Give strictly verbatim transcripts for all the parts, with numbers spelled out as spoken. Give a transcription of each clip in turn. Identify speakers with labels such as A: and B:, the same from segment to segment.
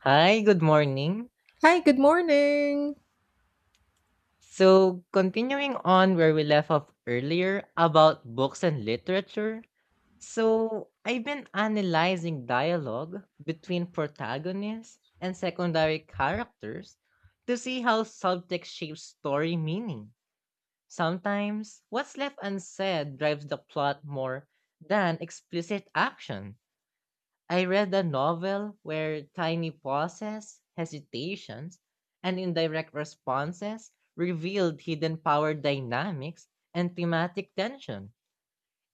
A: Hi, good morning.
B: Hi, good morning.
A: So, continuing on where we left off earlier about books and literature. So, I've been analyzing dialogue between protagonists and secondary characters to see how subtext shapes story meaning. Sometimes, what's left unsaid drives the plot more than explicit action. I read a novel where tiny pauses, hesitations, and indirect responses revealed hidden power dynamics and thematic tension.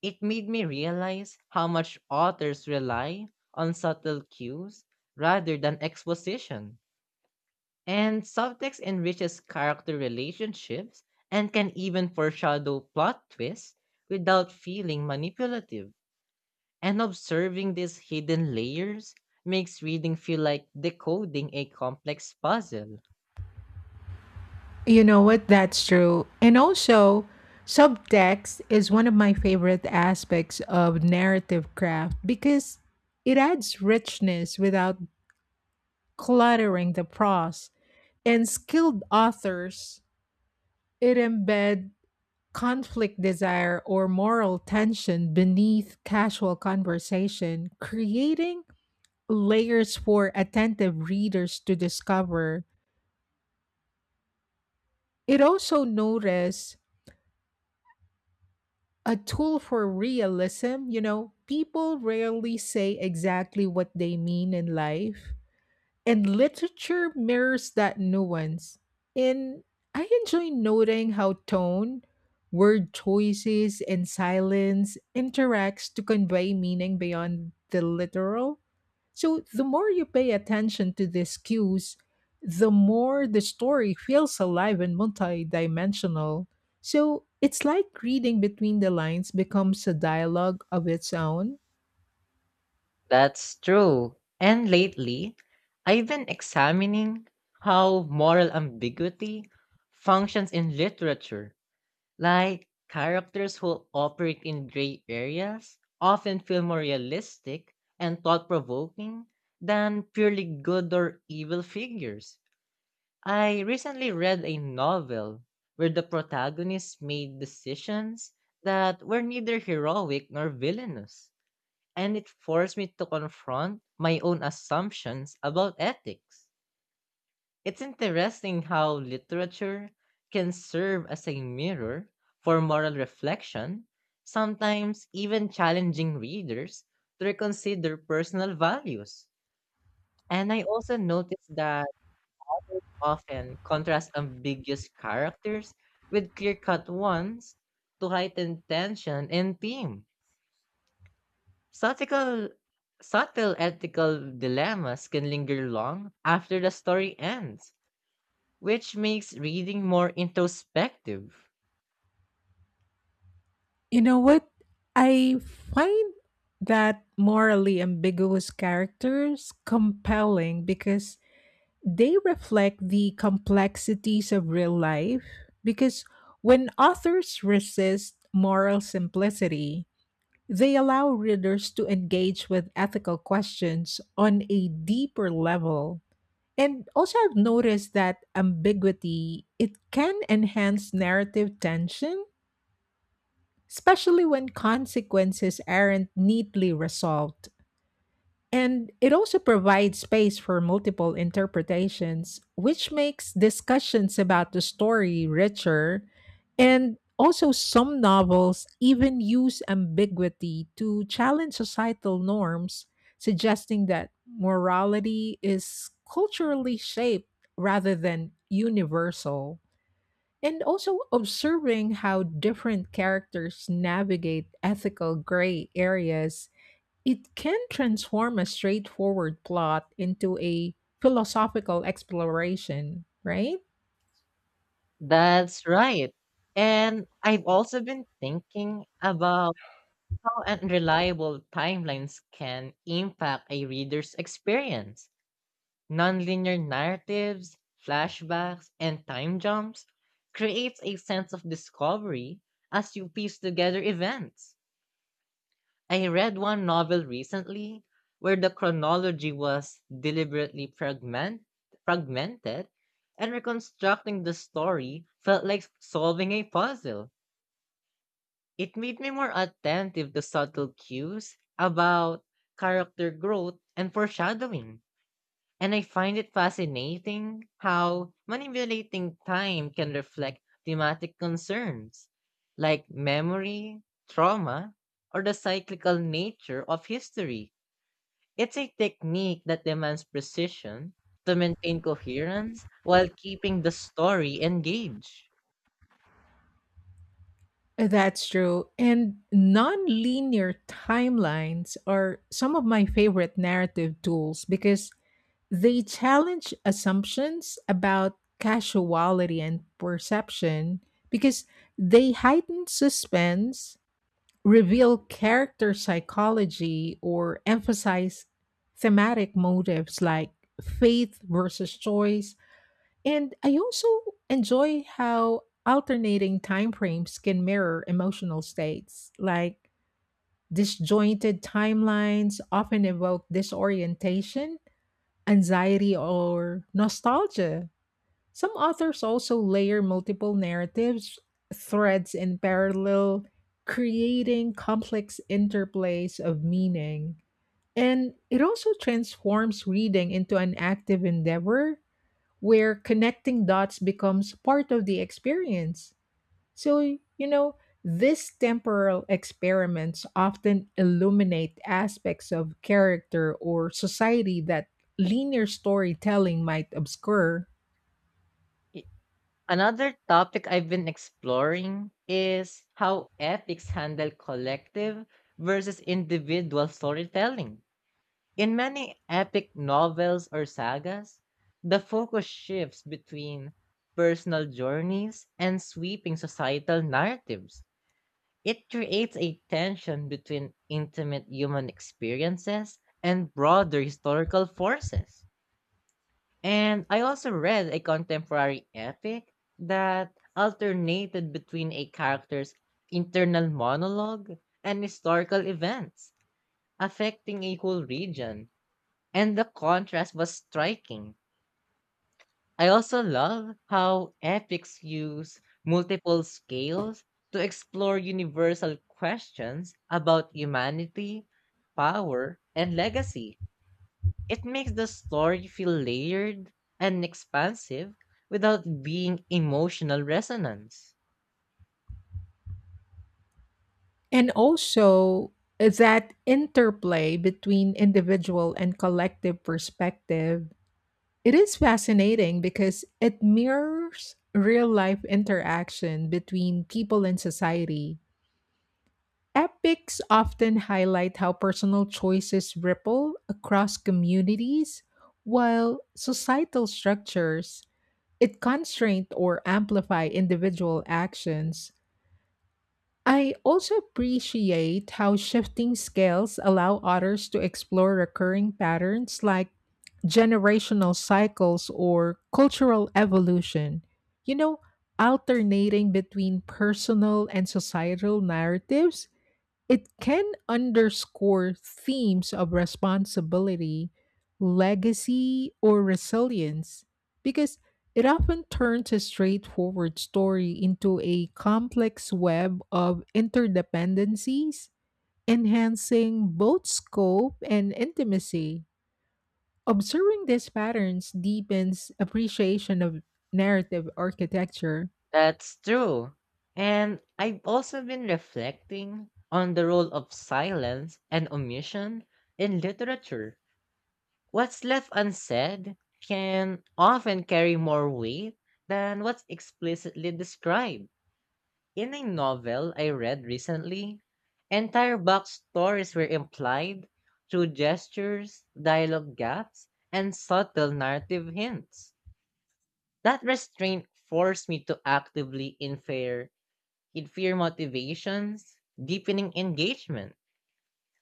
A: It made me realize how much authors rely on subtle cues rather than exposition. And subtext enriches character relationships and can even foreshadow plot twists without feeling manipulative. And observing these hidden layers makes reading feel like decoding a complex puzzle.
B: You know what? That's true. And also, subtext is one of my favorite aspects of narrative craft because it adds richness without cluttering the prose. And skilled authors, it embed conflict desire or moral tension beneath casual conversation, creating layers for attentive readers to discover. It also notice a tool for realism. You know, people rarely say exactly what they mean in life, and literature mirrors that nuance. And I enjoy noting how tone, word choices, and silence interacts to convey meaning beyond the literal. So the more you pay attention to these cues, the more the story feels alive and multidimensional. So it's like reading between the lines becomes a dialogue of its own.
A: That's true. And lately, I've been examining how moral ambiguity functions in literature. Like, characters who operate in gray areas often feel more realistic and thought provoking than purely good or evil figures. I recently read a novel where the protagonist made decisions that were neither heroic nor villainous, and it forced me to confront my own assumptions about ethics. It's interesting how literature can serve as a mirror for moral reflection, sometimes even challenging readers to reconsider personal values. And I also noticed that often contrast ambiguous characters with clear-cut ones to heighten tension and theme. Subtle, subtle ethical dilemmas can linger long after the story ends, which makes reading more introspective.
B: You know what? I find that morally ambiguous characters compelling because they reflect the complexities of real life. Because when authors resist moral simplicity, they allow readers to engage with ethical questions on a deeper level. And also, I've noticed that ambiguity, it can enhance narrative tension, especially when consequences aren't neatly resolved. And it also provides space for multiple interpretations, which makes discussions about the story richer. And also, some novels even use ambiguity to challenge societal norms, suggesting that morality is culturally shaped rather than universal. And also, observing how different characters navigate ethical gray areas, it can transform a straightforward plot into a philosophical exploration, right?
A: That's right. And I've also been thinking about how unreliable timelines can impact a reader's experience. Nonlinear narratives, flashbacks, and time jumps creates a sense of discovery as you piece together events. I read one novel recently where the chronology was deliberately fragment, fragmented, and reconstructing the story felt like solving a puzzle. It made me more attentive to subtle cues about character growth and foreshadowing. And I find it fascinating how manipulating time can reflect thematic concerns like memory, trauma, or the cyclical nature of history. It's a technique that demands precision to maintain coherence while keeping the story engaged.
B: That's true. And nonlinear timelines are some of my favorite narrative tools because they challenge assumptions about casuality and perception, because they heighten suspense, reveal character psychology, or emphasize thematic motives like faith versus choice. And I also enjoy how alternating time frames can mirror emotional states, like disjointed timelines often evoke disorientation, anxiety, or nostalgia. Some authors also layer multiple narratives, threads, in parallel, creating complex interplays of meaning. And it also transforms reading into an active endeavor where connecting dots becomes part of the experience. So, you know, these temporal experiments often illuminate aspects of character or society that linear storytelling might obscure.
A: I- Another topic I've been exploring is how epics handle collective versus individual storytelling. In many epic novels or sagas, the focus shifts between personal journeys and sweeping societal narratives. It creates a tension between intimate human experiences and broader historical forces. And I also read a contemporary epic that alternated between a character's internal monologue and historical events, affecting a whole region. And the contrast was striking. I also love how epics use multiple scales to explore universal questions about humanity, power, and legacy. It makes the story feel layered and expansive without being emotional resonance.
B: And also, uh, that interplay between individual and collective perspective. It is fascinating because it mirrors real life interaction between people and society. Epics often highlight how personal choices ripple across communities, while societal structures, it constraint or amplify individual actions. I also appreciate how shifting scales allow others to explore recurring patterns like generational cycles or cultural evolution. You know, alternating between personal and societal narratives, it can underscore themes of responsibility, legacy, or resilience, because it often turns a straightforward story into a complex web of interdependencies, enhancing both scope and intimacy. Observing these patterns deepens appreciation of narrative architecture.
A: That's true. And I've also been reflecting on the role of silence and omission in literature. What's left unsaid can often carry more weight than what's explicitly described. In a novel I read recently, entire backstories were implied through gestures, dialogue gaps, and subtle narrative hints. That restraint forced me to actively infer, infer motivations, deepening engagement.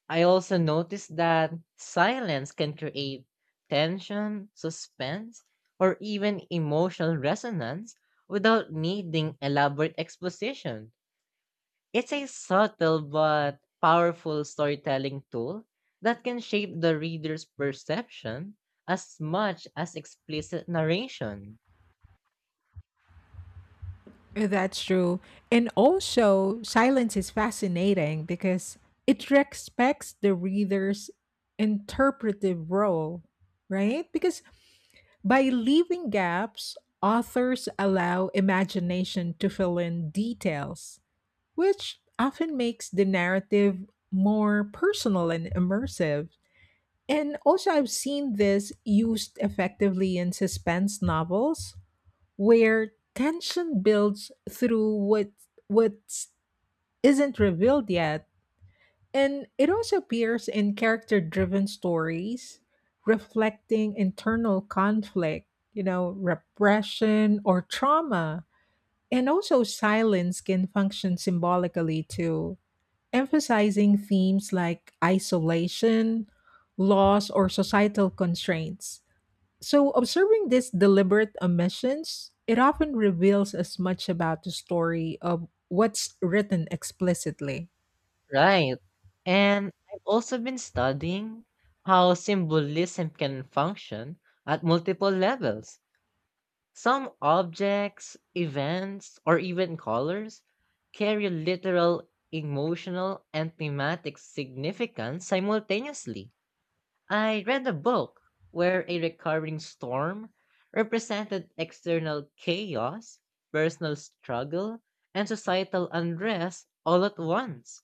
A: I also noticed that silence can create tension, suspense, or even emotional resonance without needing elaborate exposition. It's a subtle but powerful storytelling tool that can shape the reader's perception as much as explicit narration.
B: That's true. And also, silence is fascinating because it respects the reader's interpretive role, right? Because by leaving gaps, authors allow imagination to fill in details, which often makes the narrative more personal and immersive. And also, I've seen this used effectively in suspense novels where tension builds through what what isn't revealed yet, and it also appears in character driven stories, reflecting internal conflict, you know, repression or trauma. And also, silence can function symbolically too, emphasizing themes like isolation, loss, or societal constraints. So, observing these deliberate omissions, it often reveals as much about the story of what's written explicitly.
A: Right. And I've also been studying how symbolism can function at multiple levels. Some objects, events, or even colors carry literal, emotional, and thematic significance simultaneously. I read a book where a recurring storm represented external chaos, personal struggle, and societal unrest all at once.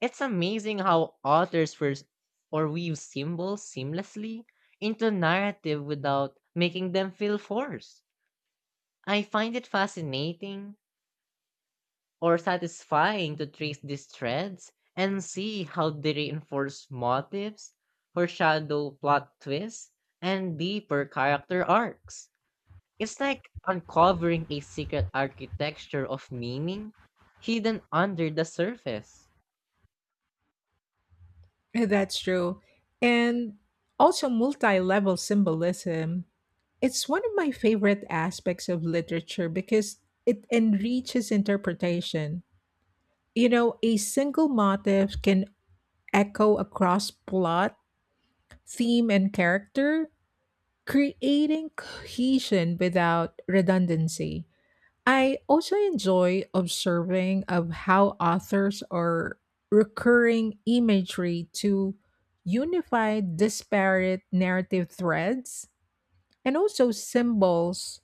A: It's amazing how authors first or weave symbols seamlessly into narrative without making them feel forced. I find it fascinating or satisfying to trace these threads and see how they reinforce motives, foreshadow plot twists, and deeper character arcs. It's like uncovering a secret architecture of meaning hidden under the surface.
B: Eh, That's true. And also, multi level symbolism. It's one of my favorite aspects of literature because it enriches interpretation. You know, a single motif can echo across plot, theme, and character, creating cohesion without redundancy. I also enjoy observing of how authors are recurring imagery to unify disparate narrative threads. And also, symbols,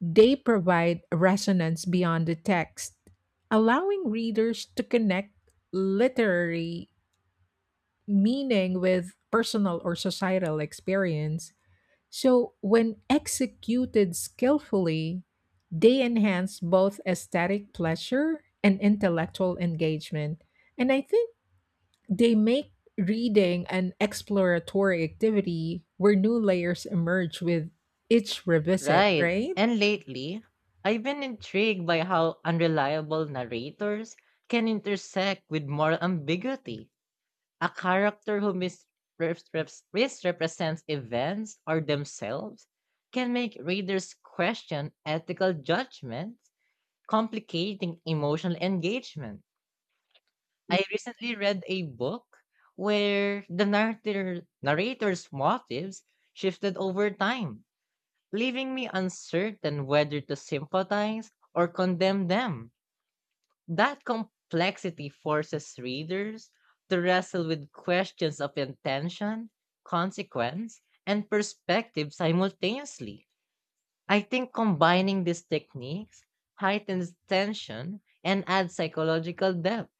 B: they provide resonance beyond the text, allowing readers to connect literary meaning with personal or societal experience. So, when executed skillfully, they enhance both aesthetic pleasure and intellectual engagement. And I think they make reading an exploratory activity where new layers emerge with each revisit,
A: Right.
B: right?
A: And lately, I've been intrigued by how unreliable narrators can intersect with moral ambiguity. A character who misreps- misrepresents events or themselves can make readers question ethical judgments, complicating emotional engagement. I recently read a book where the narrator, narrator's motives shifted over time, leaving me uncertain whether to sympathize or condemn them. That complexity forces readers to wrestle with questions of intention, consequence, and perspective simultaneously. I think combining these techniques heightens tension and adds psychological depth.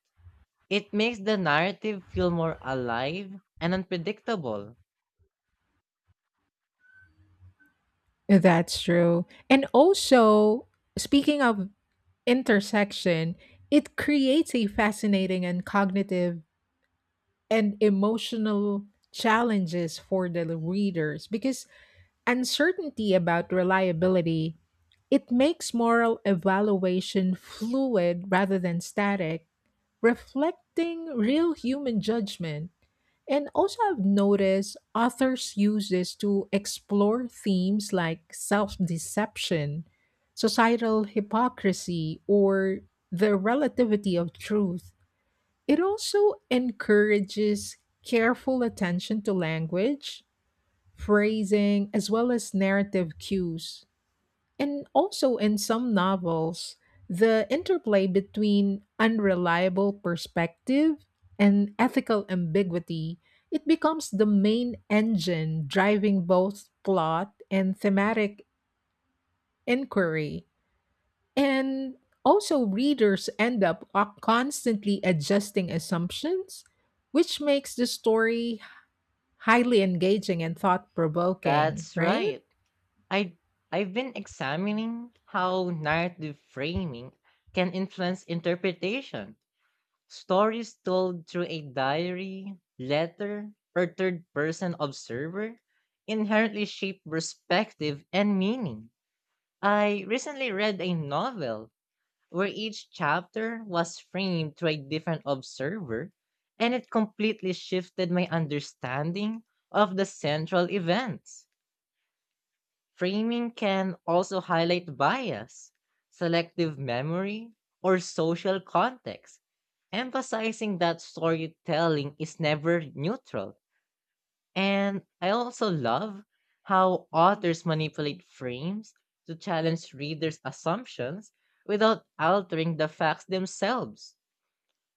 A: It makes the narrative feel more alive and unpredictable.
B: That's true. And also, speaking of intersection, it creates a fascinating and cognitive and emotional challenges for the readers because uncertainty about reliability, it makes moral evaluation fluid rather than static, reflecting real human judgment. And also, I've noticed authors use this to explore themes like self-deception, societal hypocrisy, or the relativity of truth. It also encourages careful attention to language, phrasing, as well as narrative cues. And also, in some novels, the interplay between unreliable perspective and ethical ambiguity, it becomes the main engine driving both plot and thematic inquiry. And also, readers end up o- constantly adjusting assumptions, which makes the story highly engaging and thought provoking,
A: That's
B: right?
A: right. I I've been examining how narrative framing can influence interpretation. Stories told through a diary, letter, or third person observer inherently shape perspective and meaning. I recently read a novel where each chapter was framed through a different observer, and it completely shifted my understanding of the central events. Framing can also highlight bias, selective memory, or social context, emphasizing that storytelling is never neutral. And I also love how authors manipulate frames to challenge readers' assumptions without altering the facts themselves.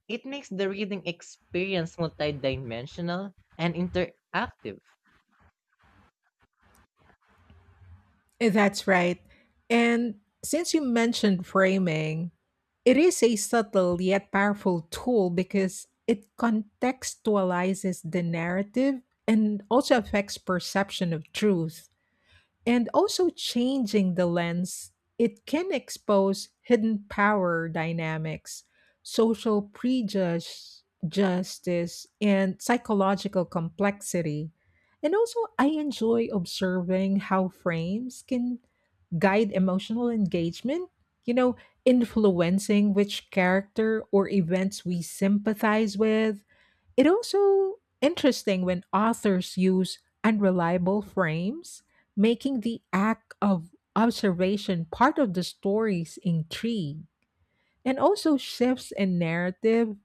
A: It makes the reading experience multidimensional and interactive.
B: That's right. And since you mentioned framing, it is a subtle yet powerful tool because it contextualizes the narrative and also affects perception of truth. And also, changing the lens, it can expose hidden power dynamics, social prejudice, justice, and psychological complexity. And also, I enjoy observing how frames can guide emotional engagement, you know, influencing which character or events we sympathize with. It also interesting when authors use unreliable frames, making the act of observation part of the story's intrigue. And also shifts in narrative.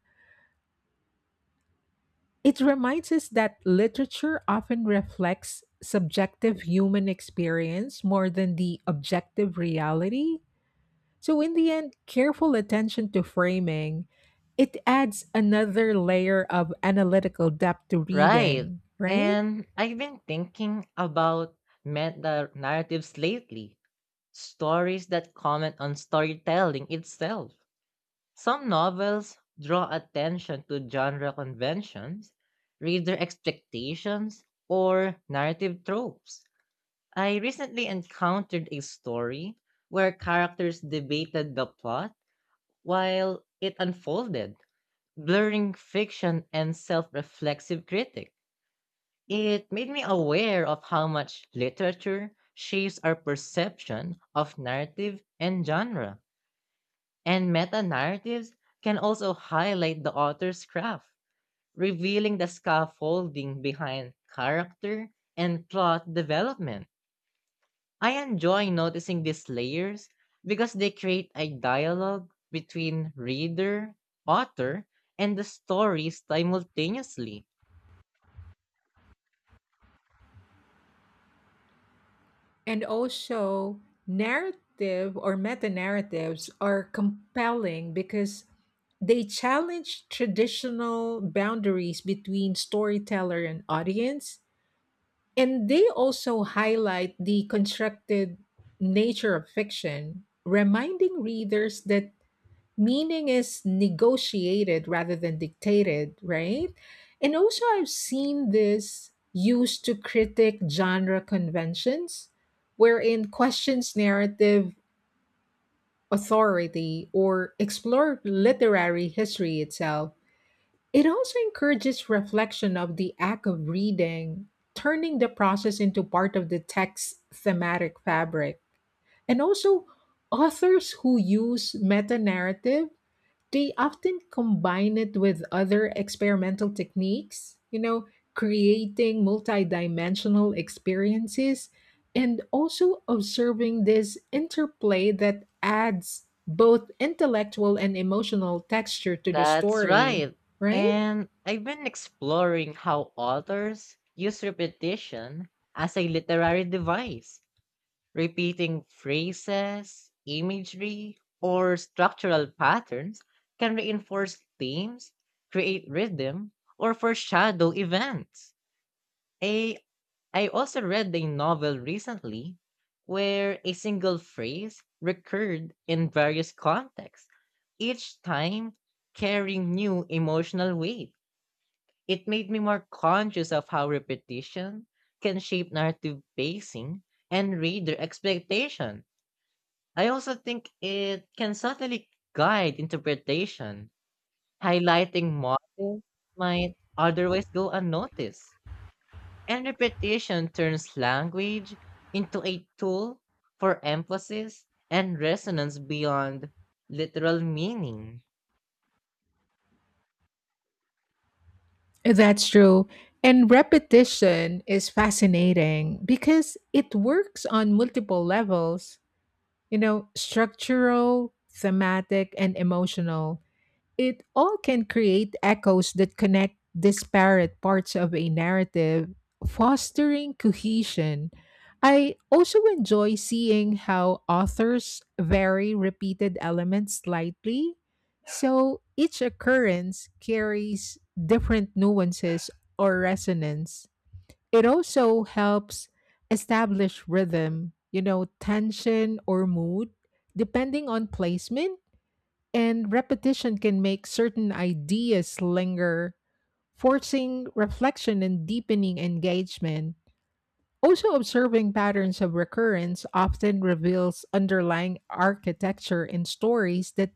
B: It reminds us that literature often reflects subjective human experience more than the objective reality. So in the end, careful attention to framing, it adds another layer of analytical depth to
A: Right.
B: reading, right?
A: And I've been thinking about meta narratives lately, stories that comment on storytelling itself. Some novels draw attention to genre conventions, reader expectations, or narrative tropes. I recently encountered a story where characters debated the plot while it unfolded, blurring fiction and self reflexive critics. It made me aware of how much literature shapes our perception of narrative and genre. And meta narratives can also highlight the author's craft, revealing the scaffolding behind character and plot development. I enjoy noticing these layers because they create a dialogue between reader, author, and the story simultaneously.
B: And also, narrative or meta narratives are compelling because they challenge traditional boundaries between storyteller and audience. And they also highlight the constructed nature of fiction, reminding readers that meaning is negotiated rather than dictated, right? And also, I've seen this used to critique genre conventions, wherein questions narrative authority or explore literary history itself. It also encourages reflection of the act of reading, turning the process into part of the text's thematic fabric. And also, authors who use meta narrative, they often combine it with other experimental techniques, you know, creating multidimensional experiences. And also observing this interplay that adds both intellectual and emotional texture to the
A: That's
B: story,
A: right.
B: right?
A: And I've been exploring how authors use repetition as a literary device, repeating phrases, imagery, or structural patterns can reinforce themes, create rhythm, or foreshadow events. A I also read a novel recently where a single phrase recurred in various contexts, each time carrying new emotional weight. It made me more conscious of how repetition can shape narrative pacing and reader expectation. I also think it can subtly guide interpretation, highlighting motifs might otherwise go unnoticed. And repetition turns language into a tool for emphasis and resonance beyond literal meaning.
B: That's true. And repetition is fascinating because it works on multiple levels, you know, structural, thematic, and emotional. It all can create echoes that connect disparate parts of a narrative, fostering cohesion. I also enjoy seeing how authors vary repeated elements slightly, so each occurrence carries different nuances or resonance. It also helps establish rhythm, you know, tension or mood, depending on placement. And repetition can make certain ideas linger, forcing reflection and deepening engagement. Also, observing patterns of recurrence often reveals underlying architecture in stories that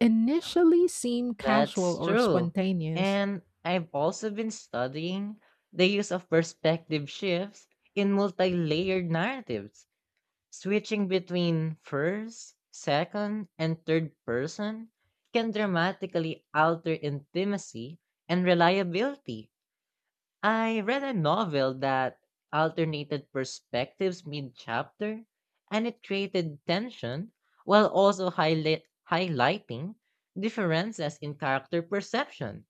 B: initially seem casual
A: That's
B: or
A: true.
B: spontaneous.
A: And I've also been studying the use of perspective shifts in multi layered narratives, switching between first, second, and third person can dramatically alter intimacy and reliability. I read a novel that alternated perspectives mid chapter and it created tension while also highlight, highlighting differences in character perception.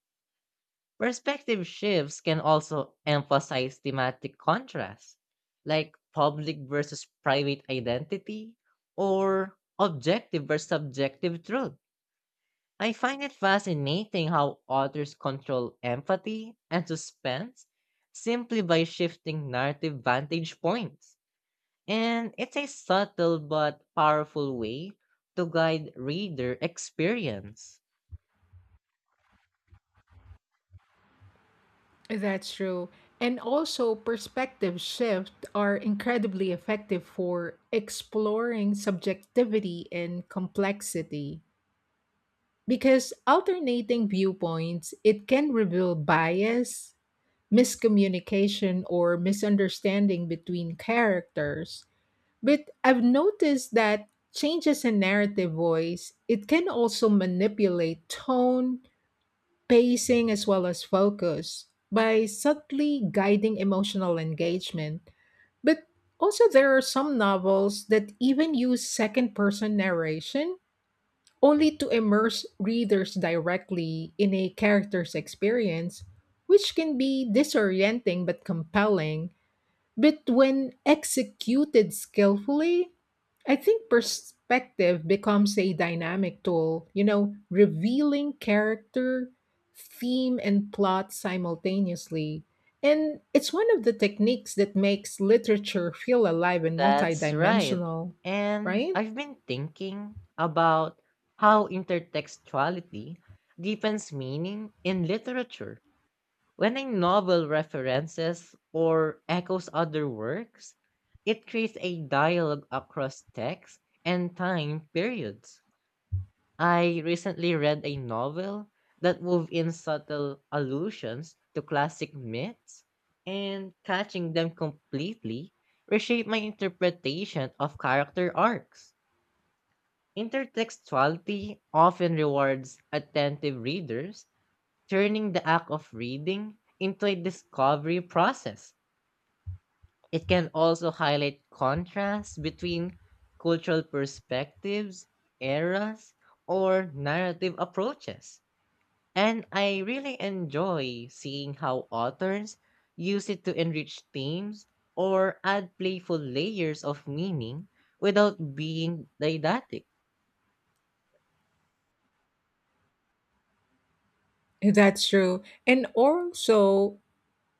A: Perspective shifts can also emphasize thematic contrasts, like public versus private identity or objective versus subjective truth. I find it fascinating how authors control empathy and suspense simply by shifting narrative vantage points. And it's a subtle but powerful way to guide reader experience.
B: That's true. And also, perspective shift are incredibly effective for exploring subjectivity and complexity. Because alternating viewpoints, it can reveal bias, miscommunication, or misunderstanding between characters. But I've noticed that changes in narrative voice, it can also manipulate tone, pacing, as well as focus by subtly guiding emotional engagement. But also, there are some novels that even use second person narration only to immerse readers directly in a character's experience, which can be disorienting but compelling. But when executed skillfully, I think perspective becomes a dynamic tool, you know, revealing character, theme, and plot simultaneously. And it's one of the techniques that makes literature feel alive and
A: That's right.
B: multidimensional,
A: And
B: right?
A: I've been thinking about how intertextuality deepens meaning in literature. When a novel references or echoes other works, it creates a dialogue across texts and time periods. I recently read a novel that wove in subtle allusions to classic myths, and catching them completely reshaped my interpretation of character arcs. Intertextuality often rewards attentive readers turning the act of reading into a discovery process. It can also highlight contrasts between cultural perspectives, eras, or narrative approaches. And I really enjoy seeing how authors use it to enrich themes or add playful layers of meaning without being didactic.
B: That's true. And also,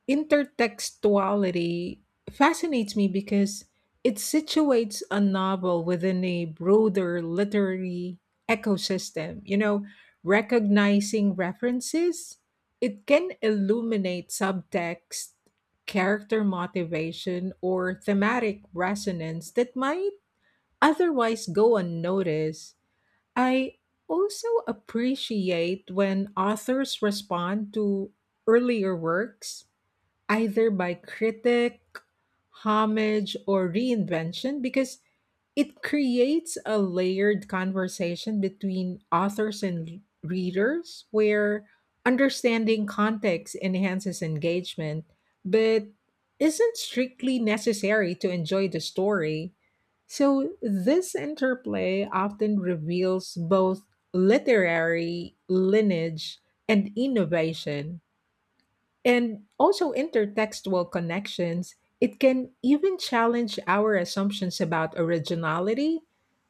B: intertextuality fascinates me because it situates a novel within a broader literary ecosystem. You know, recognizing references, it can illuminate subtext, character motivation, or thematic resonance that might otherwise go unnoticed. I also appreciate when authors respond to earlier works either by critic, homage, or reinvention, because it creates a layered conversation between authors and readers where understanding context enhances engagement but isn't strictly necessary to enjoy the story. So, this interplay often reveals both literary lineage and innovation. And also intertextual connections, it can even challenge our assumptions about originality,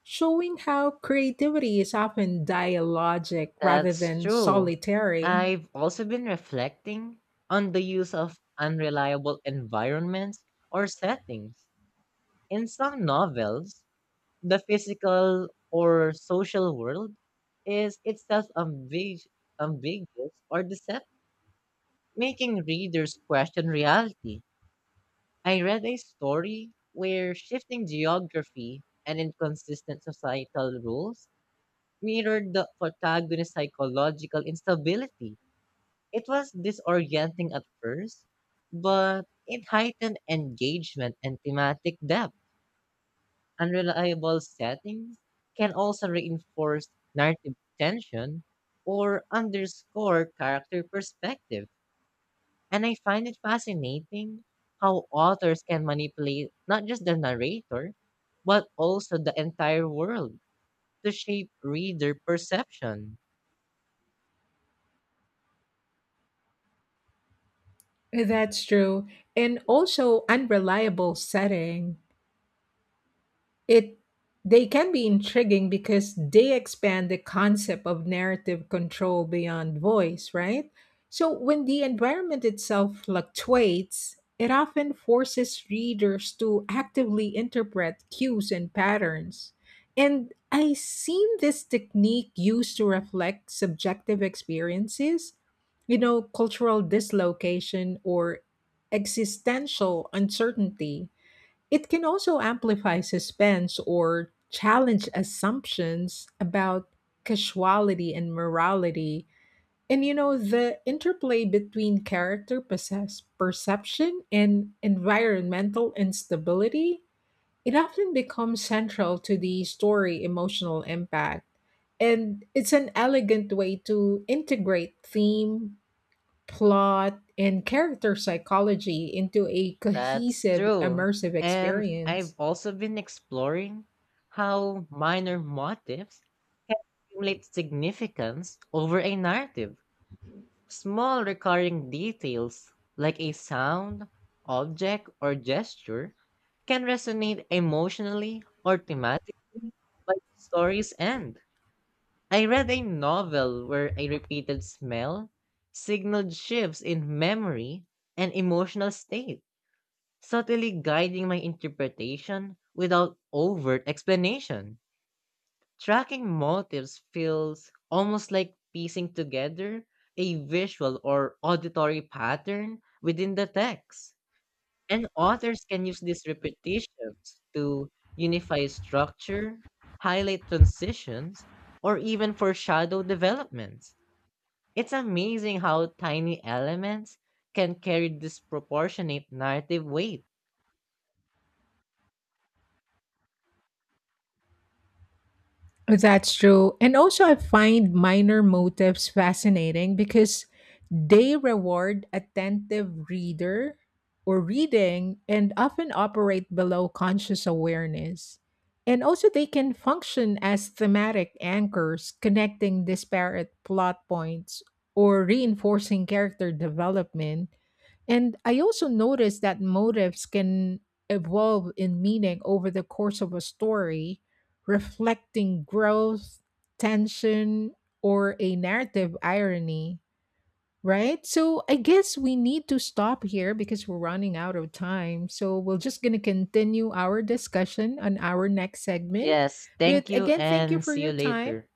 B: showing how creativity is often dialogic rather
A: That's
B: than
A: true.
B: solitary.
A: I've also been reflecting on the use of unreliable environments or settings. In some novels, the physical or social world is itself ambig- ambiguous or deceptive, making readers question reality. I read a story where shifting geography and inconsistent societal rules mirrored the protagonist's psychological instability. It was disorienting at first, but it heightened engagement and thematic depth. Unreliable settings can also reinforce narrative tension or underscore character perspective. And I find it fascinating how authors can manipulate not just the narrator, but also the entire world to shape reader perception.
B: That's true. And also unreliable setting, it they can be intriguing because they expand the concept of narrative control beyond voice, right? So when the environment itself fluctuates, it often forces readers to actively interpret cues and patterns. And I seen this technique used to reflect subjective experiences, you know, cultural dislocation or existential uncertainty. It can also amplify suspense or challenge assumptions about casuality and morality. And you know, the interplay between character possess- perception and environmental instability, it often becomes central to the story emotional impact. And it's an elegant way to integrate theme, plot, and character psychology into a
A: That's
B: cohesive,
A: true.
B: immersive
A: And I've
B: experience.
A: also been exploring how minor motifs can accumulate significance over a narrative. Small recurring details like a sound, object, or gesture can resonate emotionally or thematically by the story's end. I read a novel where a repeated smell signaled shifts in memory and emotional state subtly guiding my interpretation without overt explanation. Tracking motives feels almost like piecing together a visual or auditory pattern within the text. And authors can use these repetitions to unify structure, highlight transitions, or even foreshadow developments. It's amazing how tiny elements can carry disproportionate narrative weight.
B: That's true. And also, I find minor motifs fascinating because they reward attentive reader or reading and often operate below conscious awareness. And also, they can function as thematic anchors connecting disparate plot points or reinforcing character development. And I also noticed that motives can evolve in meaning over the course of a story, reflecting growth, tension, or a narrative irony, right? So I guess we need to stop here because we're running out of time. So we're just going to continue our discussion on our next segment.
A: Yes,
B: But
A: thank you
B: again, thank you
A: and
B: for
A: see
B: your
A: you
B: time.
A: later.